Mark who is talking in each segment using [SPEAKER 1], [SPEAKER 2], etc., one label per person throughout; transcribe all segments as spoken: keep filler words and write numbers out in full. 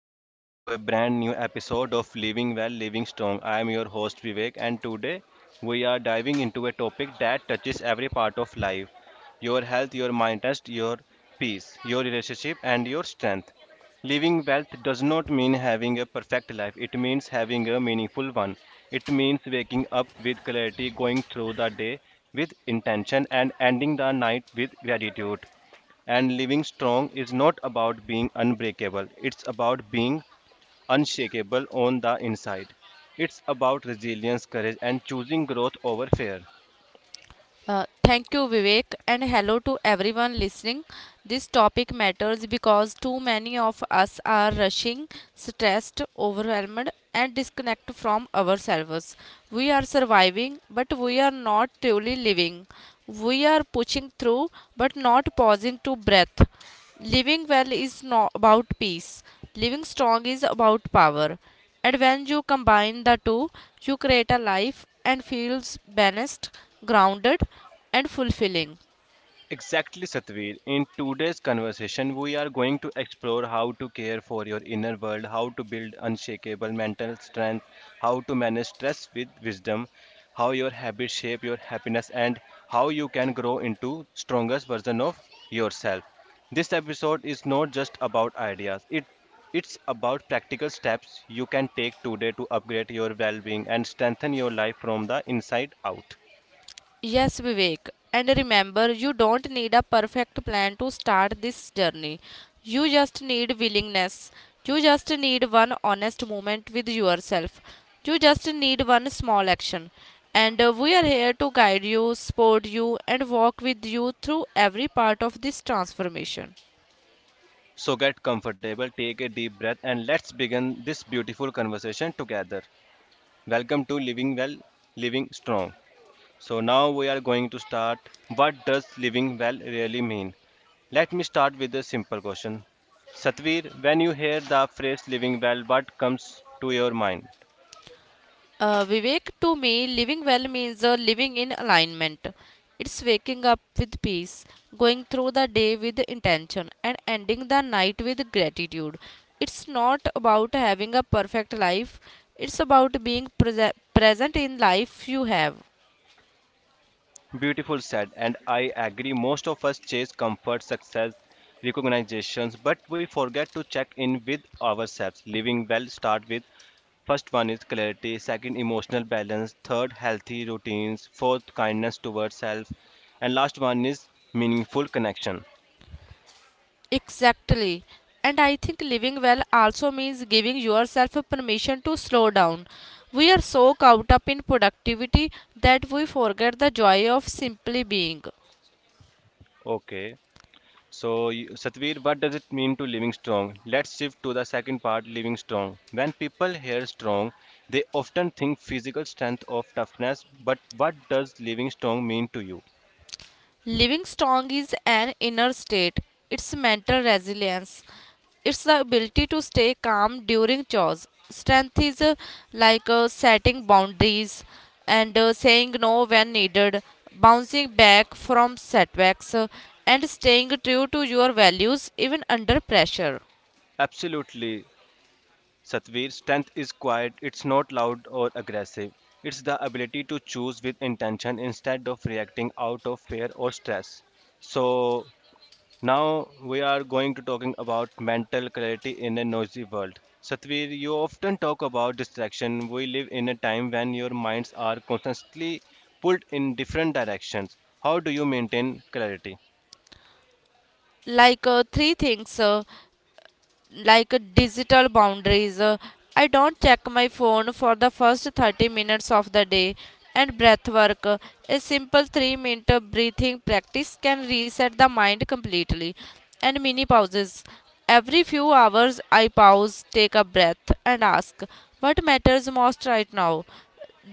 [SPEAKER 1] and welcome to a brand new episode of Living Well, Living Strong. I am your host Vivek, and today we are diving into a topic that touches every part of life your health, your mind rest, your peace, your relationship, and your strength. Living wealth does not mean having a perfect life, it means having a meaningful one. It means waking up with clarity, going through the day with intention, and ending the night with gratitude. And living strong is not about being unbreakable, it's about being unshakable on the inside. It's about resilience, courage, and choosing growth over fear.
[SPEAKER 2] Uh, thank you, Vivek, and hello to everyone listening. This topic matters because too many of us are rushing, stressed, overwhelmed, and disconnect from ourselves. We are surviving, but we are not truly living. We are pushing through, but not pausing to breath. Living well is not about peace. Living strong is about power. And when you combine the two, you create a life and feels balanced, grounded, and fulfilling.
[SPEAKER 1] Exactly, Satveer. In today's conversation, we are going to explore how to care for your inner world, how to build unshakable mental strength, how to manage stress with wisdom, how your habits shape your happiness, and how you can grow into strongest version of yourself. This episode is not just about ideas. It it's about practical steps you can take today to upgrade your well-being and strengthen your life from the inside out.
[SPEAKER 2] Yes, Vivek. And remember, you don't need a perfect plan to start this journey. You just need willingness. You just need one honest moment with yourself. You just need one small action. And uh, we are here to guide you, support you, and walk with you through every part of this transformation.
[SPEAKER 1] So get comfortable, take a deep breath, and let's begin this beautiful conversation together. Welcome to Living Well, Living Strong. So now we are going to start. What does living well really mean? Let me start with a simple question. Satvir, when you hear the phrase living well, what comes to your mind?
[SPEAKER 2] Uh, Vivek, to me, living well means uh, living in alignment. It's waking up with peace, going through the day with intention, and ending the night with gratitude. It's not about having a perfect life, it's about being prese- present in life you have.
[SPEAKER 1] Beautiful said, and I agree. Most of us chase comfort, success, recognitions, but we forget to check in with ourselves. Living well start with first one is clarity, second emotional balance, third healthy routines, fourth kindness towards self, and last one is meaningful connection.
[SPEAKER 2] Exactly. And I think living well also means giving yourself permission to slow down. We are so caught up in productivity that we forget the joy of simply being.
[SPEAKER 1] Okay. So, y- Satvir, what does it mean to living strong? Let's shift to the second part, living strong. When people hear strong, they often think physical strength of toughness, but what does living strong mean to you?
[SPEAKER 2] Living strong is an inner state. It's mental resilience. It's the ability to stay calm during chores. Strength is uh, like uh, setting boundaries and uh, saying no when needed, bouncing back from setbacks, uh, and staying true to your values even under pressure.
[SPEAKER 1] Absolutely, Satvir, strength is quiet, it's not loud or aggressive. It's the ability to choose with intention instead of reacting out of fear or stress. So, now we are going to talking about mental clarity in a noisy world. Satvir, you often talk about distraction. We live in a time when your minds are constantly pulled in different directions. How do you maintain clarity?
[SPEAKER 2] Like uh, three things, uh, like digital boundaries. Uh, I don't check my phone for the first thirty minutes of the day. And breath work. Uh, A simple three minute breathing practice can reset the mind completely. And mini pauses. Every few hours, I pause, take a breath, and ask, what matters most right now?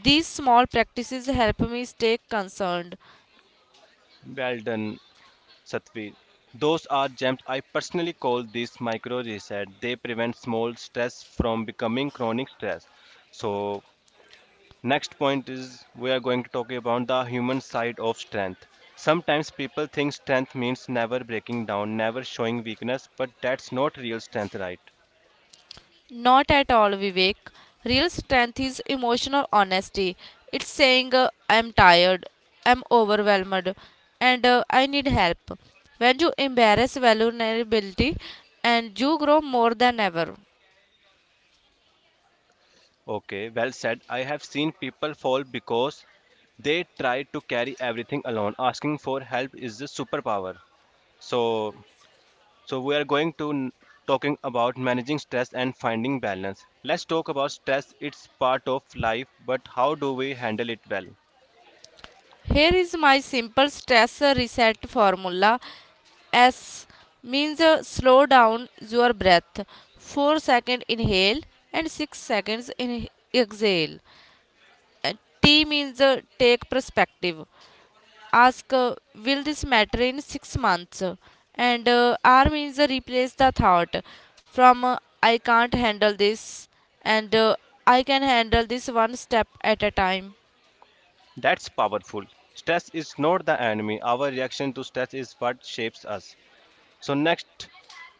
[SPEAKER 2] These small practices help me stay concerned.
[SPEAKER 1] Well done, Satvir. Those are gems. I personally call these micro reset. They prevent small stress from becoming chronic stress. So next point is we are going to talk about the human side of strength. Sometimes people think strength means never breaking down, never showing weakness, but that's not real strength, right?
[SPEAKER 2] Not at all, Vivek. Real strength is emotional honesty. It's saying, uh, I'm tired, I'm overwhelmed, and uh, I need help. When you embrace vulnerability, and you grow more than ever.
[SPEAKER 1] Okay, well said. I have seen people fall because they try to carry everything alone. Asking for help is a superpower. So, so we are going to n- talking about managing stress and finding balance. Let's talk about stress. It's part of life, but how do we handle it well?
[SPEAKER 2] Here is my simple stress reset formula. S means uh, slow down your breath. four second inhale and six seconds in- exhale. And T means uh, take perspective. Ask, uh, will this matter in six months? And uh, R means uh, replace the thought from, uh, I can't handle this, and uh, I can handle this one step at a time.
[SPEAKER 1] That's powerful. Stress is not the enemy. Our reaction to stress is what shapes us. So, next,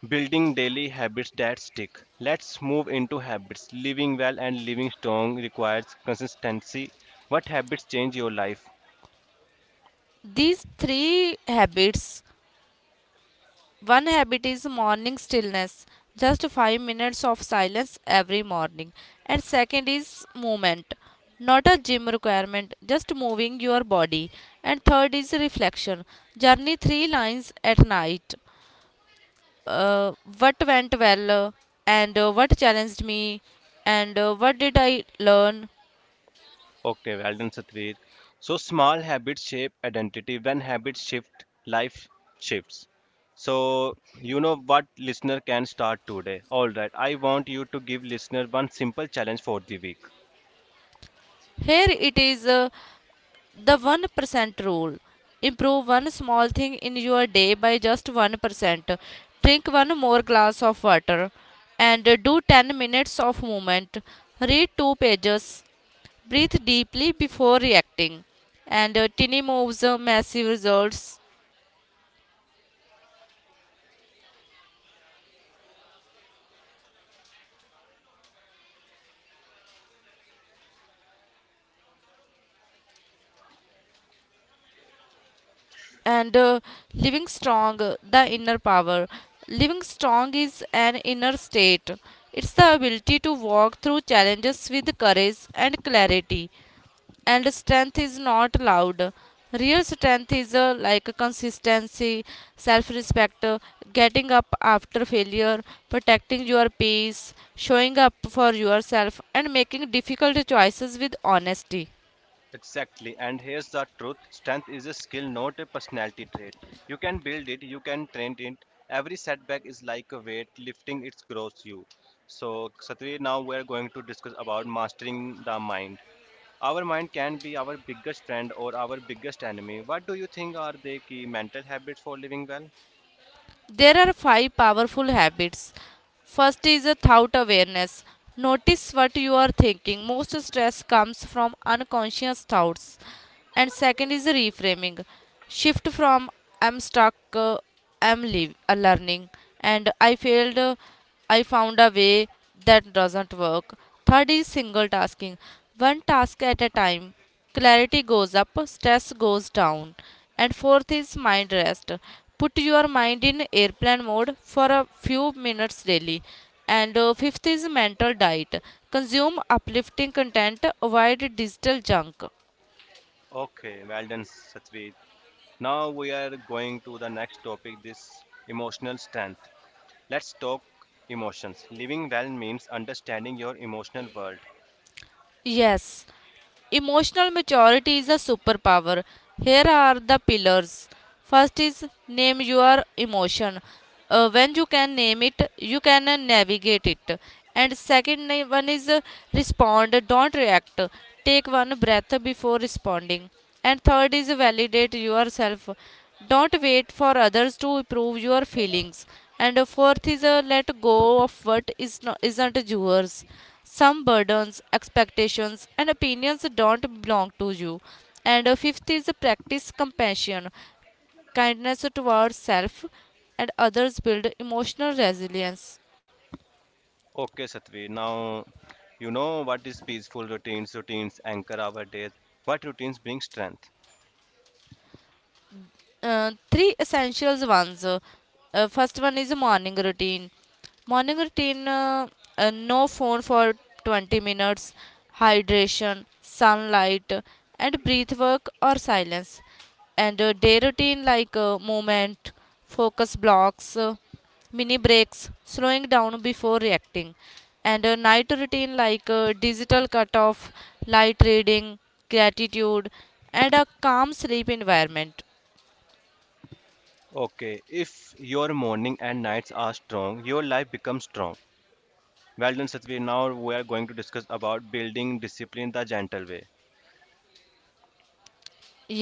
[SPEAKER 1] building daily habits that stick. Let's move into habits. Living well and living strong requires consistency. What habits change your life?
[SPEAKER 2] These three habits: one habit is morning stillness, just five minutes of silence every morning. And second is movement, not a gym requirement, just moving your body. And third is reflection, journey three lines at night. uh, what went well, and uh, what challenged me, and uh, what did I learn.
[SPEAKER 1] Okay, well done, Satveer. So, small habits shape identity. When habits shift, life shifts. So, you know what listener can start today. All right, I want you to give listener one simple challenge for the week.
[SPEAKER 2] Here it is, uh, the one percent rule. Improve one small thing in your day by just one percent. Drink one more glass of water and uh, do ten minutes of movement. Read two pages. Breathe deeply before reacting. And uh, tiny moves, uh, massive results. And uh, Living strong, uh, the inner power. Living strong is an inner state. It's the ability to walk through challenges with courage and clarity. And strength is not loud. Real strength is uh, like consistency, self respect, getting up after failure, protecting your peace, showing up for yourself, and making difficult choices with honesty.
[SPEAKER 1] Exactly, and here's the truth strength is a skill, not a personality trait. You can build it, you can train it. Every setback is like a weight lifting, it grows you. So, Satri, now we're going to discuss about mastering the mind. Our mind can be our biggest friend or our biggest enemy. What do you think are the key mental habits for living well?
[SPEAKER 2] There are five powerful habits. First is a thought awareness. Notice what you are thinking. Most stress comes from unconscious thoughts. And second is reframing, shift from, I'm stuck uh, I'm live, uh, learning, and i failed uh, I found a way. That doesn't work. Third is single tasking, one task at a time. Clarity goes up, stress goes down. And fourth is mind rest, put your mind in airplane mode for a few minutes daily. And uh, fifth is mental diet, consume uplifting content, avoid digital junk.
[SPEAKER 1] Okay, well done, Satri. Now we are going to the next topic this emotional strength. Let's talk emotions. Living well means understanding your emotional world.
[SPEAKER 2] Yes, emotional maturity is a superpower. Here are the pillars. First is name your emotion. Uh, when you can name it, you can uh, navigate it. And second na- one is uh, respond, don't react. Take one breath before responding. And third is validate yourself. Don't wait for others to prove your feelings. And uh, fourth is uh, let go of what is not, isn't yours. Some burdens, expectations, and opinions don't belong to you. And uh, fifth is practice compassion, kindness towards self and others, build emotional resilience.
[SPEAKER 1] Okay, Satvi. Now, you know what is peaceful routines. Routines anchor our days. What routines bring strength?
[SPEAKER 2] Uh, three essentials ones. Uh, uh, first one is morning routine. Morning routine: uh, uh, no phone for twenty minutes, hydration, sunlight, uh, and breath work or silence. And uh, day routine, like uh, movement, focus blocks, uh, mini breaks, slowing down before reacting. And a night routine, like uh, digital cutoff, light reading, gratitude, and a calm sleep environment.
[SPEAKER 1] Okay, if your morning and nights are strong, your life becomes strong. Well done, Satvi. Now we are going to discuss about building discipline the gentle way.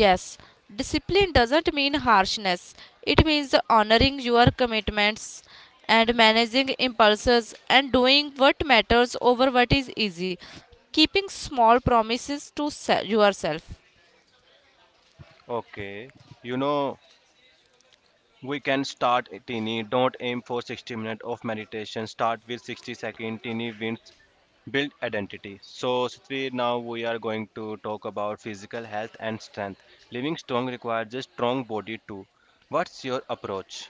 [SPEAKER 2] Yes, discipline doesn't mean harshness. It means honoring your commitments and managing impulses and doing what matters over what is easy. Keeping small promises to se- yourself.
[SPEAKER 1] Okay, you know we can start tiny. Don't aim for sixty minutes of meditation. Start with sixty seconds. Tiny wins. Build identity. So, Satvi, now we are going to talk about physical health and strength. Living strong requires a strong body too. What's your approach?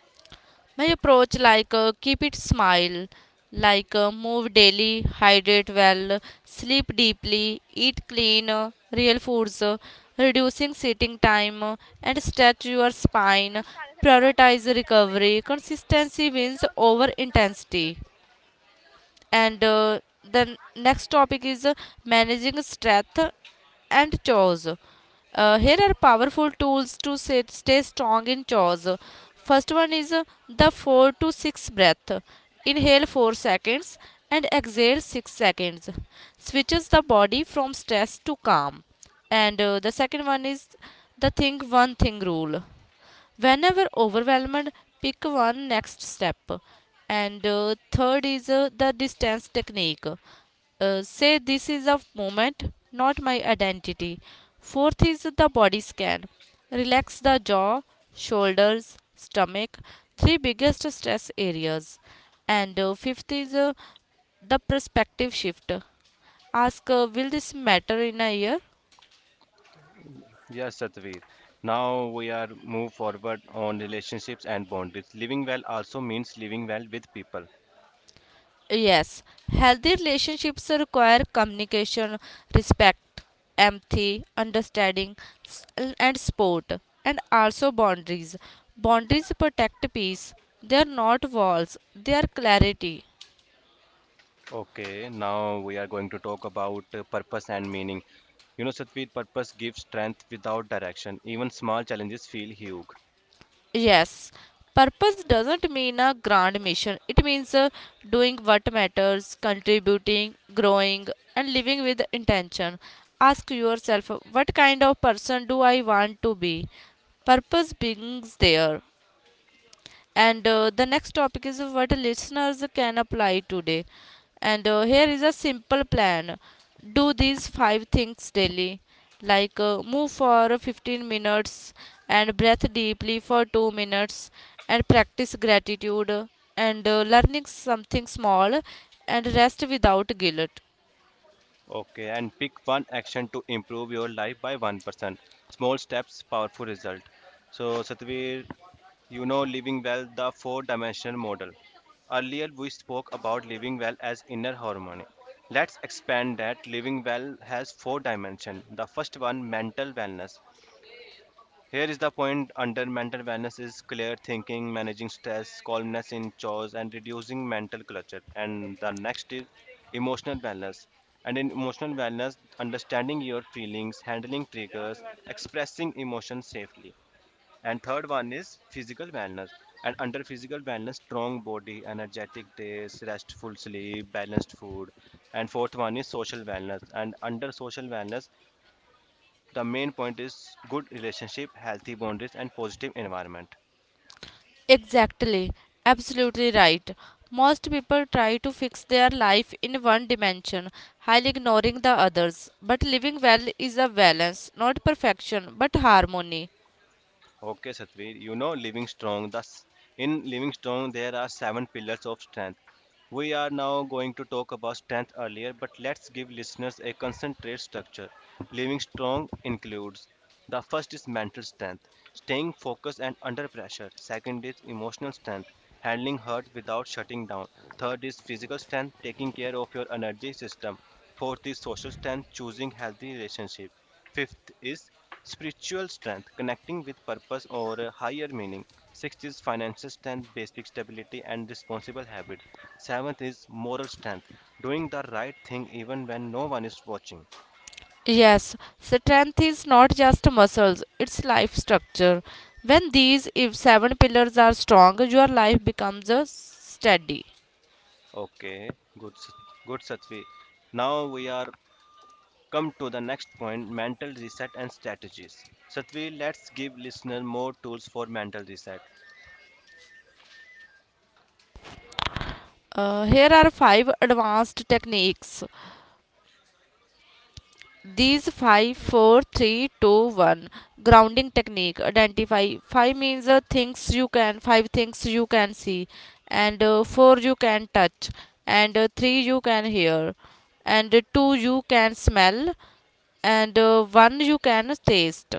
[SPEAKER 2] My approach, like uh, keep it smile, like uh, move daily, hydrate well, sleep deeply, eat clean, uh, real foods, uh, reducing sitting time, uh, and stretch your spine. Prioritize recovery. Consistency wins over intensity. And uh, the next topic is uh, managing stress and chores. Uh, here are powerful tools to sit, stay strong in chores. First one is uh, the four to six breath. Inhale four seconds and exhale six seconds. Switches the body from stress to calm. And uh, the second one is the think one thing rule. Whenever overwhelmed, pick one next step. And uh, third is uh, the distance technique. Uh, say this is a moment, not my identity. Fourth is the body scan, relax the jaw, shoulders, stomach, three biggest stress areas. And uh, fifth is uh, the perspective shift. Ask, uh, will this matter in a year?
[SPEAKER 1] Yes, Satvi. Now we are move forward on relationships and boundaries. Living well also means living well with people.
[SPEAKER 2] Yes, healthy relationships require communication, respect, empathy, understanding, s- and support, and also boundaries. Boundaries protect peace, they are not walls, they are clarity.
[SPEAKER 1] Okay, now we are going to talk about uh, purpose and meaning. You know, Satveer, purpose gives strength without direction. Even small challenges feel huge.
[SPEAKER 2] Yes, purpose doesn't mean a grand mission, it means uh, doing what matters, contributing, growing, and living with intention. Ask yourself, what kind of person do I want to be? Purpose begins there. And uh, the next topic is what listeners can apply today. And uh, here is a simple plan. Do these five things daily, like uh, move for fifteen minutes, and breath deeply for two minutes, and practice gratitude, and uh, learning something small, and rest without guilt.
[SPEAKER 1] Okay, and pick one action to improve your life by one percent. Small steps, powerful result. So, Satveer, you know, living well, the four dimensional model. Earlier, we spoke about living well as inner harmony. Let's expand that. Living well has four dimensions. The first one, mental wellness. Here is the point under mental wellness is clear thinking, managing stress, calmness in chores, and reducing mental clutter. And the next is emotional wellness. And in emotional wellness, understanding your feelings, handling triggers, expressing emotions safely. And third one is physical wellness. And under physical wellness, strong body, energetic days, restful sleep, balanced food. And fourth one is social wellness. And under social wellness, the main point is good relationship, healthy boundaries and positive environment.
[SPEAKER 2] Exactly, absolutely right. Most people try to fix their life in one dimension, while ignoring the others. But living well is a balance, not perfection, but harmony.
[SPEAKER 1] Okay, Satveer, you know Living Strong. Thus, in Living Strong, there are seven pillars of strength. We are now going to talk about strength earlier, but let's give listeners a concentrate structure. Living Strong includes the first is mental strength, staying focused and under pressure. Second is emotional strength, handling hurt without shutting down. Third is physical strength, taking care of your energy system. Fourth is social strength, choosing healthy relationship. Fifth is spiritual strength, connecting with purpose or a higher meaning. Sixth is financial strength, basic stability, and responsible habits. Seventh is moral strength, doing the right thing even when no one is watching.
[SPEAKER 2] Yes, strength is not just muscles, it's life structure. When these if seven pillars are strong, your life becomes a steady.
[SPEAKER 1] Okay, good, Sat- good Satvi. Now we are come to the next point mental reset and strategies. Satvi, let's give listener more tools for mental reset.
[SPEAKER 2] Uh, here are five advanced techniques. These five four three two one grounding technique, identify five means uh, things you can, five things you can see, and uh, four you can touch, and uh, three you can hear, and uh, two you can smell, and uh, one you can taste,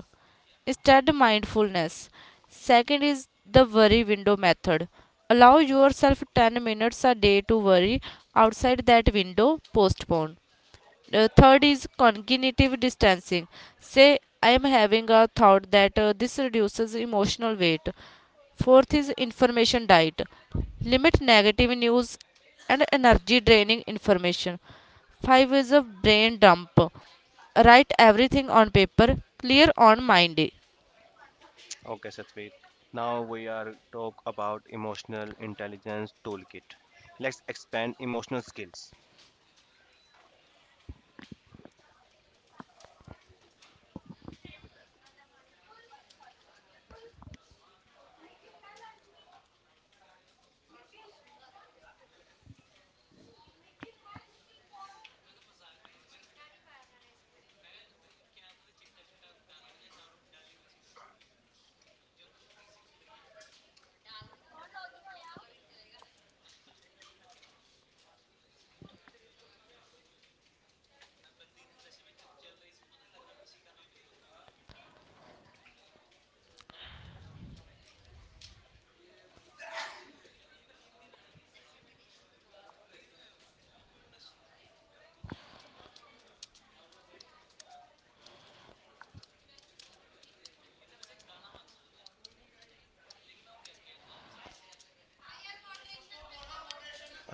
[SPEAKER 2] instead mindfulness. Second is the worry window method, allow yourself ten minutes a day to worry, outside that window postpone. Uh, third is cognitive distancing. Say, I am having a thought that uh, this reduces emotional weight. Fourth is information diet. Limit negative news and energy draining information. Five is a brain dump. Write everything on paper, clear on mind.
[SPEAKER 1] Okay, Satveer. Now we are talk about emotional intelligence toolkit. Let's expand emotional skills.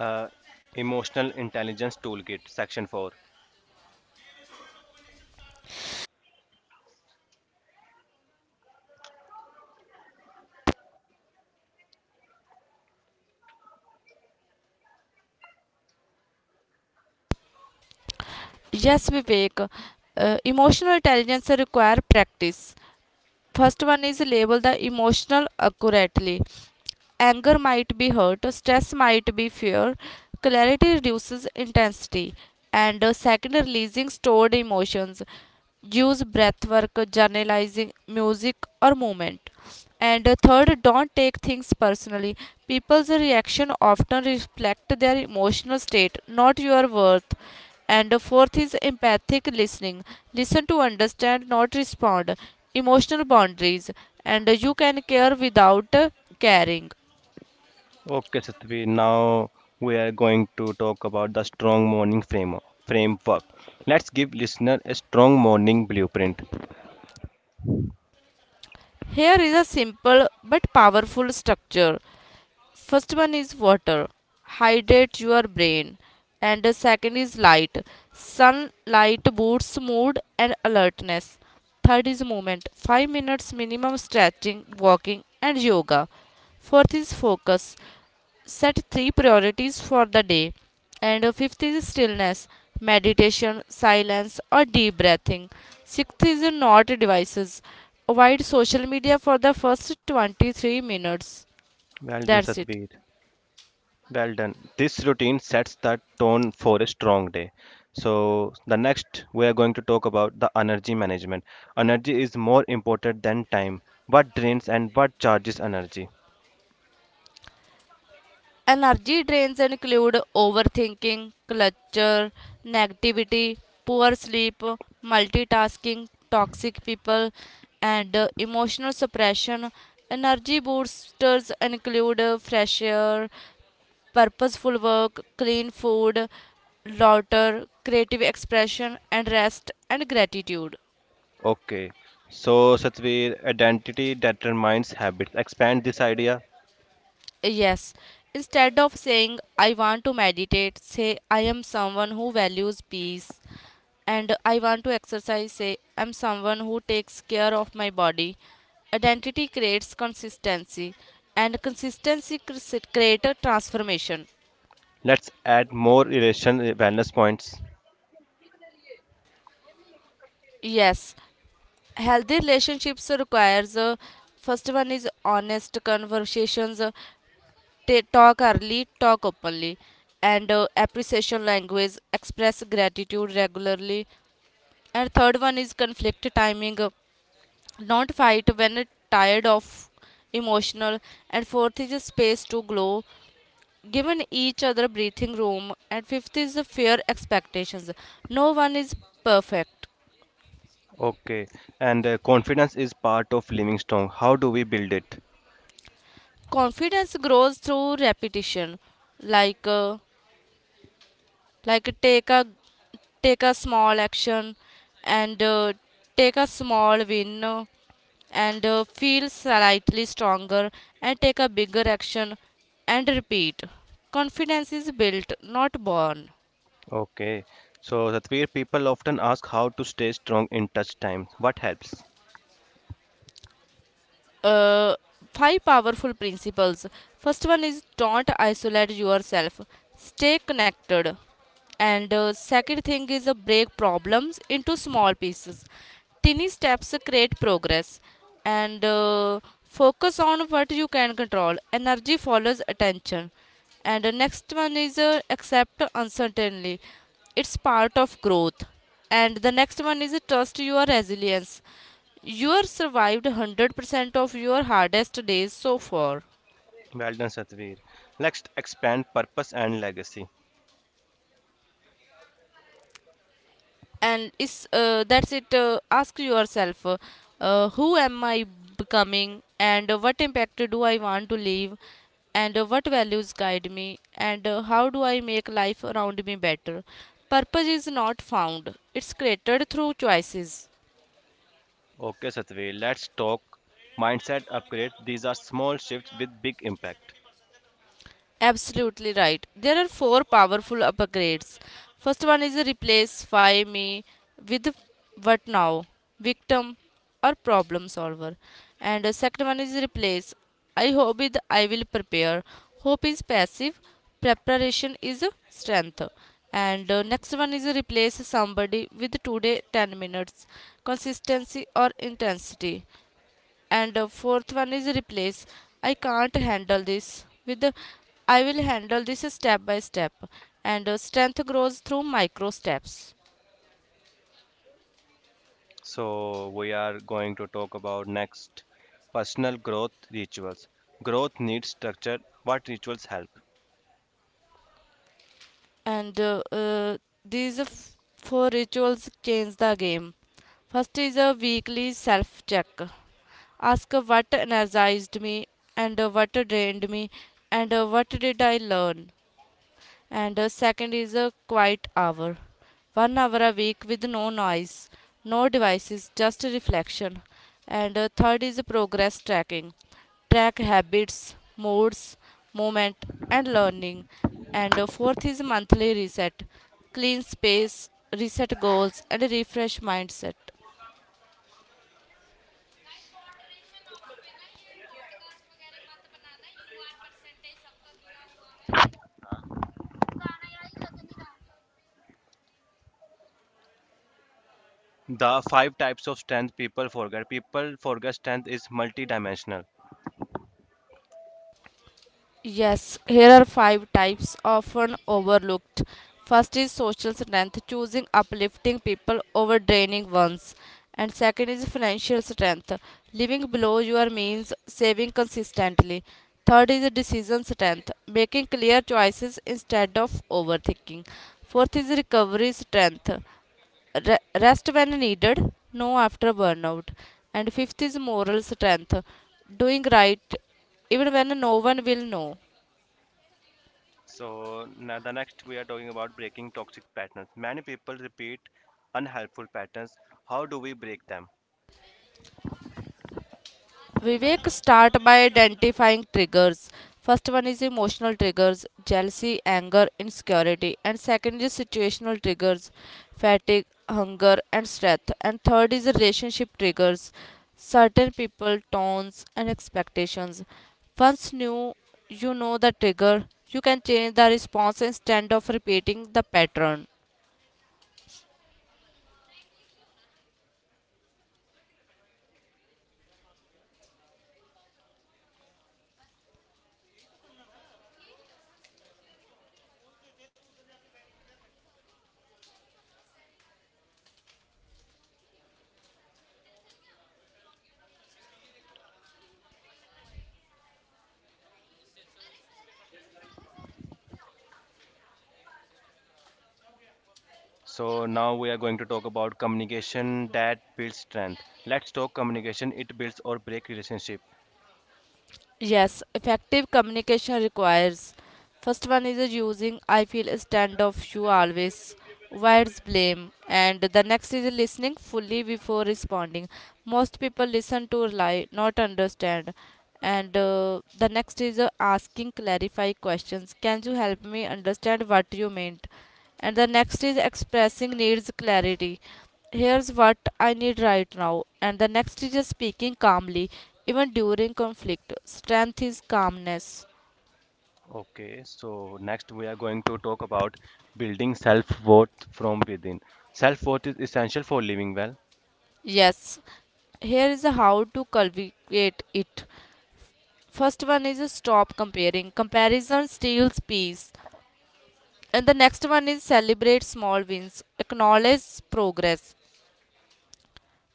[SPEAKER 1] Uh, emotional intelligence toolkit, section four.
[SPEAKER 2] Yes, Vivek. Uh, emotional intelligence require practice. First one is label the emotional accurately. Anger might be hurt, stress might be fear. Clarity reduces intensity. And uh, second, releasing stored emotions. Use breath work, journalizing, music, or movement. And uh, third, don't take things personally. People's reaction often reflect their emotional state, not your worth. And uh, fourth is empathic listening. Listen to understand, not respond. Emotional boundaries. And uh, you can care without uh, caring.
[SPEAKER 1] Okay, Satveer. Now we are going to talk about the strong morning frame framework. Let's give listener a strong morning blueprint.
[SPEAKER 2] Here is a simple but powerful structure. First one is water, hydrate your brain, and the second is light. Sunlight boosts mood and alertness. Third is movement, five minutes minimum stretching, walking, and yoga. Fourth is focus, set three priorities for the day. And fifth is stillness, meditation, silence, or deep breathing. Sixth is not devices, avoid social media for the first twenty three minutes.
[SPEAKER 1] Well done,
[SPEAKER 2] That's it.
[SPEAKER 1] Satvik. Well done. This routine sets the tone for a strong day. So, the next we are going to talk about the energy management. Energy is more important than time. What drains and what charges energy?
[SPEAKER 2] Energy drains include overthinking, clutter, negativity, poor sleep, multitasking, toxic people, and uh, emotional suppression. Energy boosters include uh, fresh air, purposeful work, clean food, laughter, creative expression, and rest and gratitude.
[SPEAKER 1] Okay. So, Satvir, identity determines habits. Expand this idea.
[SPEAKER 2] Yes, instead of saying I want to meditate, say I am someone who values peace. And I want to exercise, say I'm someone who takes care of my body. Identity creates consistency, and consistency cr- creates a transformation.
[SPEAKER 1] Let's add more relation uh, wellness points.
[SPEAKER 2] Yes, healthy relationships requires uh, first one is honest conversations uh, ta- Talk early, talk openly. And uh, Appreciation language, express gratitude regularly. And third one is conflict timing uh, not fight when tired of emotional. And fourth is space to glow, given each other breathing room. And fifth is fair expectations, no one is perfect.
[SPEAKER 1] Okay. And uh, confidence is part of living strong. How do we build it?
[SPEAKER 2] Confidence grows through repetition. Like uh, like take a take a small action, and uh, take a small win uh, and uh, feel slightly stronger, and take a bigger action, and repeat. Confidence is built, not born.
[SPEAKER 1] Okay. So, Satvir, people often ask how to stay strong in touch time. What helps?
[SPEAKER 2] uh, Five powerful principles. First one is don't isolate yourself, stay connected. And uh, second thing is uh, break problems into small pieces. Tiny steps create progress. And uh, focus on what you can control. Energy follows attention. And the next one is uh, accept uncertainty. It's part of growth. And the next one is trust your resilience. You are survived one hundred percent of your hardest days so far.
[SPEAKER 1] Well done, Satvir. Next, expand purpose and legacy.
[SPEAKER 2] And it's, uh, that's it. Uh, ask yourself, uh, uh, who am I becoming, and uh, what impact do I want to leave, and uh, what values guide me, and uh, how do I make life around me better. Purpose is not found, it's created through choices.
[SPEAKER 1] Okay, Satvir. Let's talk mindset upgrade. These are small shifts with big impact.
[SPEAKER 2] Absolutely right. There are four powerful upgrades. First one is replace find me with what now, victim or problem solver. And the second one is replace I hope with I will prepare. Hope is passive, preparation is strength. And uh, next one is replace somebody with today ten minutes, consistency or intensity. And the fourth one is replace I can't handle this with the, I will handle this step by step. And uh, strength grows through micro steps.
[SPEAKER 1] So, we are going to talk about next personal growth rituals. Growth needs structure. What rituals help?
[SPEAKER 2] and uh, uh, these f- Four rituals change the game. First is a weekly self check. Ask what energized me, and uh, what drained me, and uh, what did I learn. And uh, second is a quiet hour. One hour a week with no noise, no devices, just reflection. And uh, third is progress tracking. Track habits, moods, movement, and learning. And uh, fourth is monthly reset. Clean space, reset goals, and refresh mindset.
[SPEAKER 1] The five types of strength people forget. People forget strength is multidimensional.
[SPEAKER 2] Yes, here are five types often overlooked. First is social strength, choosing uplifting people over draining ones. And second is financial strength, living below your means, saving consistently. Third is decision strength, making clear choices instead of overthinking. Fourth is recovery strength, re- rest when needed, no after burnout. And fifth is moral strength, doing right even when no one will know.
[SPEAKER 1] So now the next we are talking about breaking toxic patterns. Many people repeat unhelpful patterns. How do we break them?
[SPEAKER 2] Vivek, start by identifying triggers. First one is emotional triggers, jealousy, anger, insecurity. And second is situational triggers, fatigue, hunger, and stress. And third is relationship triggers, certain people, tones, and expectations. Once new, you know the trigger, you can change the response instead of repeating the pattern.
[SPEAKER 1] So now we are going to talk about communication that builds strength. Let's talk communication. It builds or break relationship.
[SPEAKER 2] Yes, effective communication requires. First one is uh, using I feel standoff you always, avoids blame. And the next is listening fully before responding. Most people listen to rely, not understand. And uh, the next is uh, asking clarify questions. Can you help me understand what you meant? And the next is expressing needs clarity. Here's what I need right now. And the next is just speaking calmly, even during conflict. Strength is calmness.
[SPEAKER 1] Okay. So next we are going to talk about building self-worth from within. Self-worth is essential for living well.
[SPEAKER 2] Yes, here is how to cultivate it. First one is stop comparing. Comparison steals peace. And the next one is celebrate small wins. Acknowledge progress.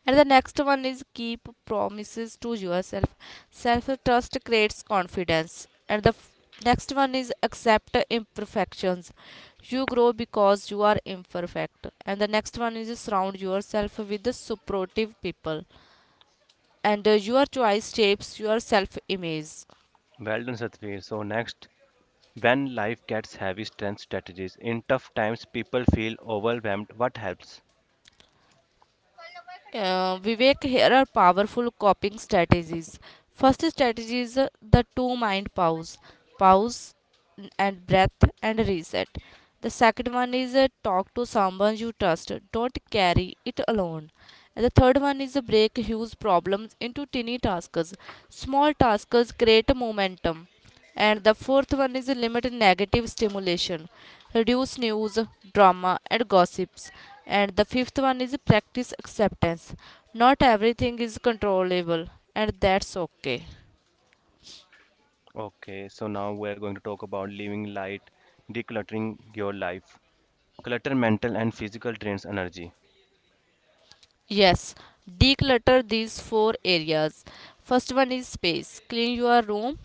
[SPEAKER 2] And the next one is keep promises to yourself. Self trust creates confidence. And the next one is accept imperfections. You grow because you are imperfect. And the next one is surround yourself with supportive people. And uh, your choice shapes your self image.
[SPEAKER 1] Well done, Satveer. So next, when life gets heavy, strength strategies. In tough times, people feel overwhelmed. What helps?
[SPEAKER 2] Uh, Vivek, here are powerful coping strategies. First strategy is uh, the two mind pause, pause and breath and reset. The second one is uh, talk to someone you trust. Don't carry it alone. And the third one is uh, break huge problems into tiny tasks. Small tasks create momentum. And the fourth one is limit negative stimulation, reduce news, drama, and gossips. And the fifth one is practice acceptance. Not everything is controllable, and that's okay.
[SPEAKER 1] Okay, so now we're going to talk about living light, decluttering your life. Clutter mental and physical drains energy.
[SPEAKER 2] Yes, declutter these four areas. First one is space. Clean your room,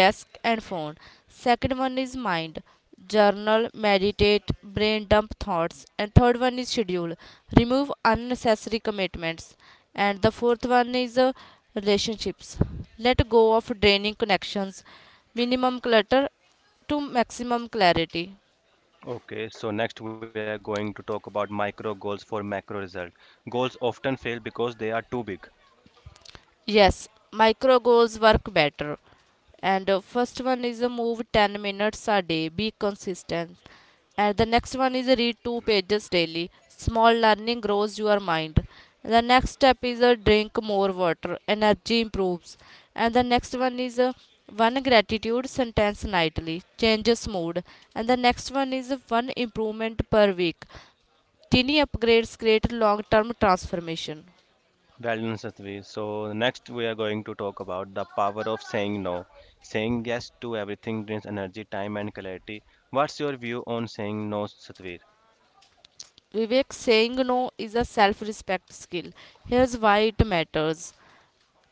[SPEAKER 2] desk, and phone. Second one is mind. Journal, meditate, brain dump thoughts. And third one is schedule. Remove unnecessary commitments. And the fourth one is uh, relationships. Let go of draining connections. Minimum clutter to maximum clarity.
[SPEAKER 1] Okay, so next we are going to talk about micro goals for macro result. Goals often fail because they are too big.
[SPEAKER 2] Yes, micro goals work better. And uh, first one is a move ten minutes a day, be consistent. And the next one is uh, read two pages daily. Small learning grows your mind. The next step is a drink more water, energy improves. And the next one is a one gratitude sentence nightly, changes mood. And the next one is a one improvement per week. Tiny upgrades create long term transformation.
[SPEAKER 1] Well done, Satvi. So next we are going to talk about the power of saying no. Saying yes to everything drains energy, time and clarity. What's your view on saying no, Satvi?
[SPEAKER 2] Vivek, saying no is a self respect skill. Here's why it matters.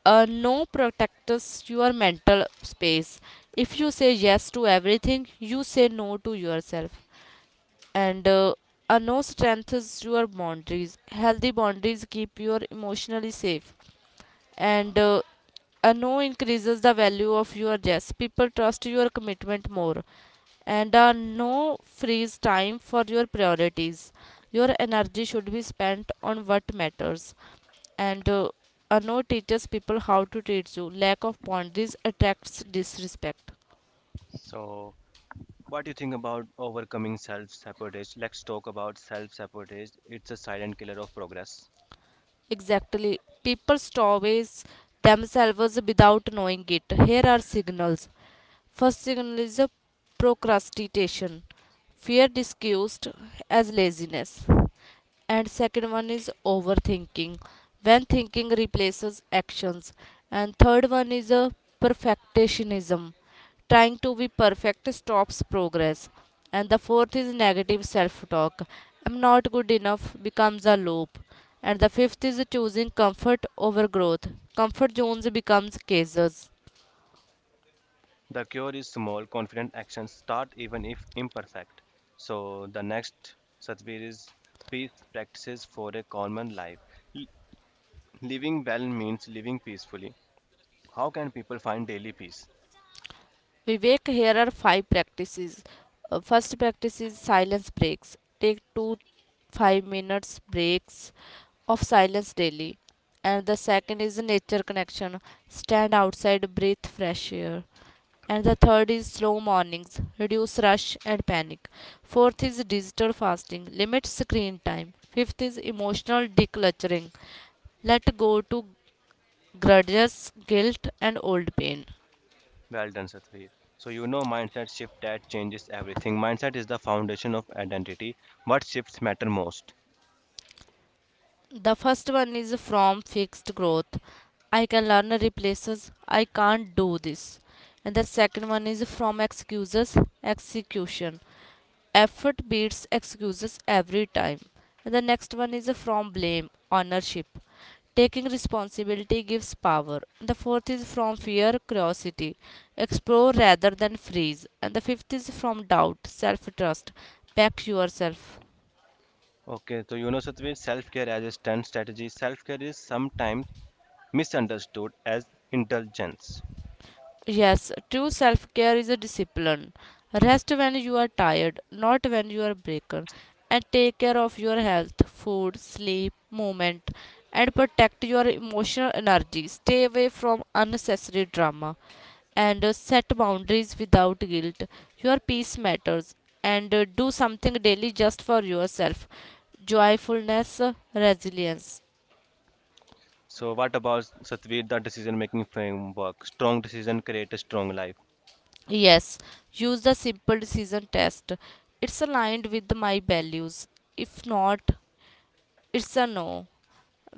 [SPEAKER 2] A no protects your mental space. If you say yes to everything, you say no to yourself. And uh, a no strengthens your boundaries. Healthy boundaries keep you emotionally safe. And uh, a no increases the value of your yes, people trust your commitment more. And a no frees time for your priorities, your energy should be spent on what matters. And uh, a no teaches people how to treat you, lack of boundaries attracts disrespect.
[SPEAKER 1] So what do you think about overcoming self sabotage? Let's talk about self sabotage. It's a silent killer of progress.
[SPEAKER 2] Exactly. People starve themselves without knowing it. Here are signals. First signal is a procrastination. Fear disguised as laziness. And second one is overthinking. When thinking replaces actions. And third one is a perfectionism, trying to be perfect stops progress. And the fourth is negative self talk. I'm not good enough becomes a loop. And the fifth is choosing comfort over growth. Comfort zones becomes cases.
[SPEAKER 1] The cure is small, confident actions. Start even if imperfect. So, the next Satvir is peace practices for a common life. L- Living well means living peacefully. How can people find daily peace?
[SPEAKER 2] Vivek, here are five practices. Uh, first practice is silence breaks. Take two five minutes breaks of silence daily. And the second is nature connection. Stand outside, breathe fresh air. And the third is slow mornings. Reduce rush and panic. Fourth is digital fasting. Limit screen time. Fifth is emotional decluttering. Let go to grudges, guilt, and old pain.
[SPEAKER 1] Well done, Satvir. So, you know, mindset shift that changes everything. Mindset is the foundation of identity. What shifts matter most?
[SPEAKER 2] The first one is from fixed growth. I can learn replaces I can't do this. And the second one is from excuses, execution. Effort beats excuses every time. And the next one is from blame, ownership. Taking responsibility gives power. And the fourth is from fear, curiosity. Explore rather than freeze. And the fifth is from doubt, self trust. Back yourself.
[SPEAKER 1] Okay, so you know, Satvi, self care as a stunt strategy. Self care is sometimes misunderstood as indulgence.
[SPEAKER 2] Yes, true self care is a discipline. Rest when you are tired, not when you are broken. And take care of your health, food, sleep, movement, and protect your emotional energy. Stay away from unnecessary drama. And uh, set boundaries without guilt. Your peace matters. And uh, do something daily just for yourself. Joyfulness, uh, resilience.
[SPEAKER 1] So, what about Satvi, the decision making framework? Strong decision create a strong life.
[SPEAKER 2] Yes, use the simple decision test. It's aligned with my values. If not, it's a no.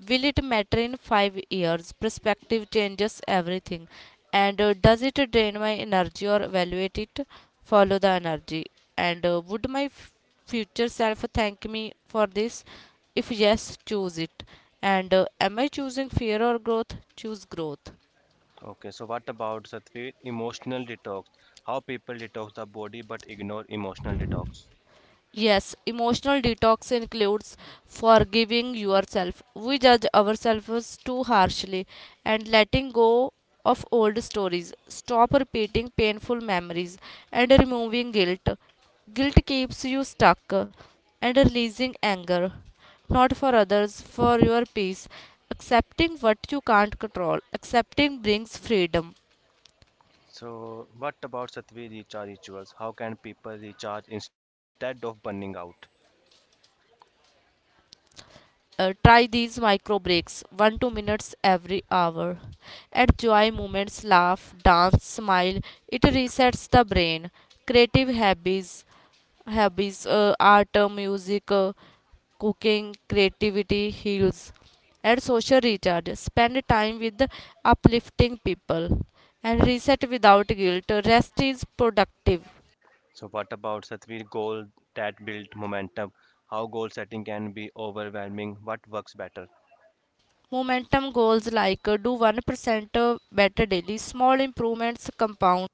[SPEAKER 2] Will it matter in five years? Perspective changes everything. And uh, does it drain my energy or evaluate it? Follow the energy. And uh, would my f- future self thank me for this? If yes, choose it. And uh, am I choosing fear or growth? Choose growth.
[SPEAKER 1] Okay, so what about Satvi, emotional detox? How people detox the body but ignore emotional detox?
[SPEAKER 2] Yes, emotional detox includes forgiving yourself. We judge ourselves too harshly, and letting go of old stories. Stop repeating painful memories, and removing guilt. Guilt keeps you stuck, and releasing anger. Not for others, for your peace. Accepting what you can't control. Accepting brings freedom.
[SPEAKER 1] So, what about Satvi recharge rituals? How can people recharge instead of burning out?
[SPEAKER 2] Uh, try these micro breaks, one two minutes every hour. Enjoy moments, laugh, dance, smile, it resets the brain. Creative habits, habits, uh, art, uh, music, uh, cooking, creativity heals. And social recharge, spend time with uplifting people, and reset without guilt. Rest is productive.
[SPEAKER 1] So, what about Satvi goal that build momentum? How goal setting can be overwhelming? What works better?
[SPEAKER 2] Momentum goals like uh, do one percent better daily. Small improvements compound.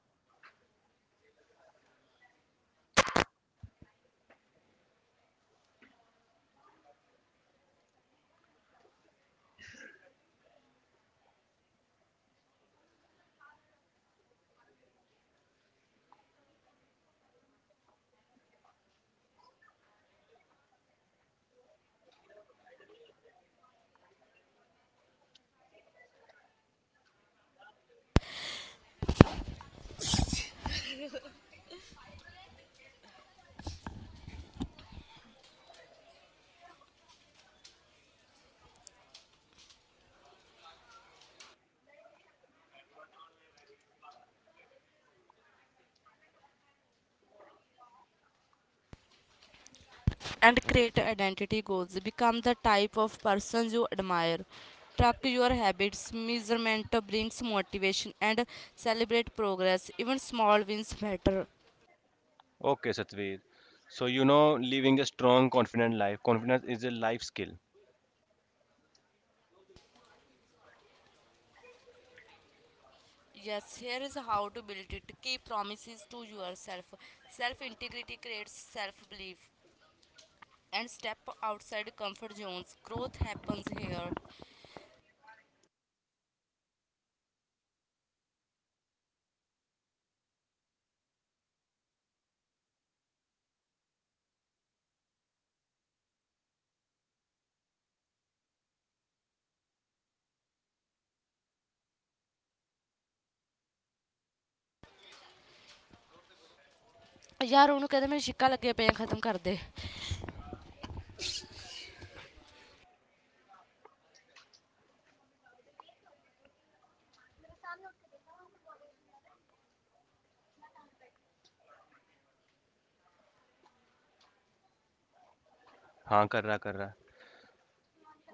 [SPEAKER 2] And create identity goals, become the type of person you admire. Track your habits, measurement brings motivation, and celebrate progress, even small wins matter.
[SPEAKER 1] Okay, Satveer. So you know, living a strong, confident life. Confidence is a life skill.
[SPEAKER 2] Yes, here is how to build it. Keep promises to yourself, self integrity creates self belief. And step outside comfort zones, growth happens here. ਯਾਰ ਉਹਨੂੰ ਕਹਿੰਦੇ ਮੇਰੇ ਛਿੱਕਾ ਲੱਗੇ ਪਏ ਆ ਖਤਮ ਕਰ ਦੇ.
[SPEAKER 1] हाँ कर रहा कर रहा.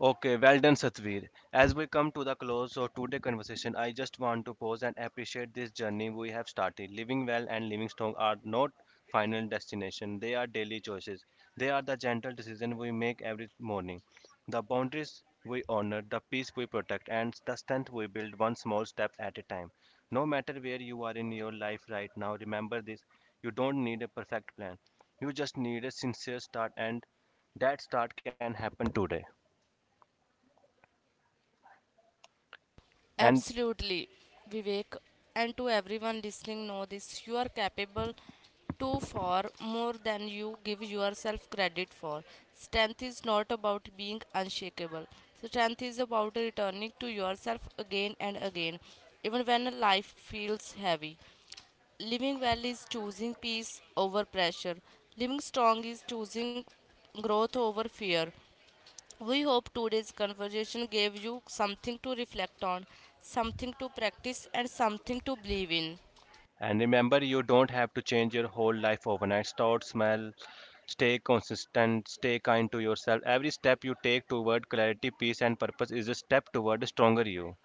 [SPEAKER 1] Okay, well done, Satveer. As we come to the close of today's conversation, I just want to pause and appreciate this journey we have started. Living well and living strong are not final destination. They are daily choices. They are the gentle decisions we make every morning. The boundaries we honor, the peace we protect, and the strength we build one small step at a time. No matter where you are in your life right now, remember this. You don't need a perfect plan. You just need a sincere start and that start can happen today. And
[SPEAKER 2] Absolutely, Vivek, and to everyone listening, know this, you are capable to far more than you give yourself credit for. Strength is not about being unshakable, strength is about returning to yourself again and again, even when life feels heavy. Living well is choosing peace over pressure, living strong is choosing growth over fear. We hope today's conversation gave you something to reflect on, something to practice, and something to believe in.
[SPEAKER 1] And remember, you don't have to change your whole life overnight. Start small, stay consistent, stay kind to yourself. Every step you take toward clarity, peace, and purpose is a step toward a stronger you.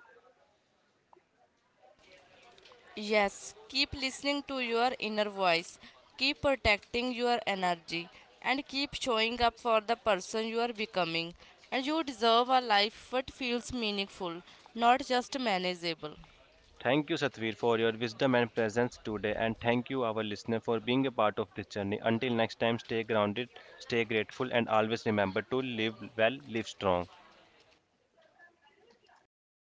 [SPEAKER 2] Yes, keep listening to your inner voice, keep protecting your energy, and keep showing up for the person you are becoming. And you deserve a life that feels meaningful, not just manageable.
[SPEAKER 1] Thank you, Satvir, for your wisdom and presence today. And thank you, our listener, for being a part of this journey. Until next time, stay grounded, stay grateful, and always remember to live well, live strong.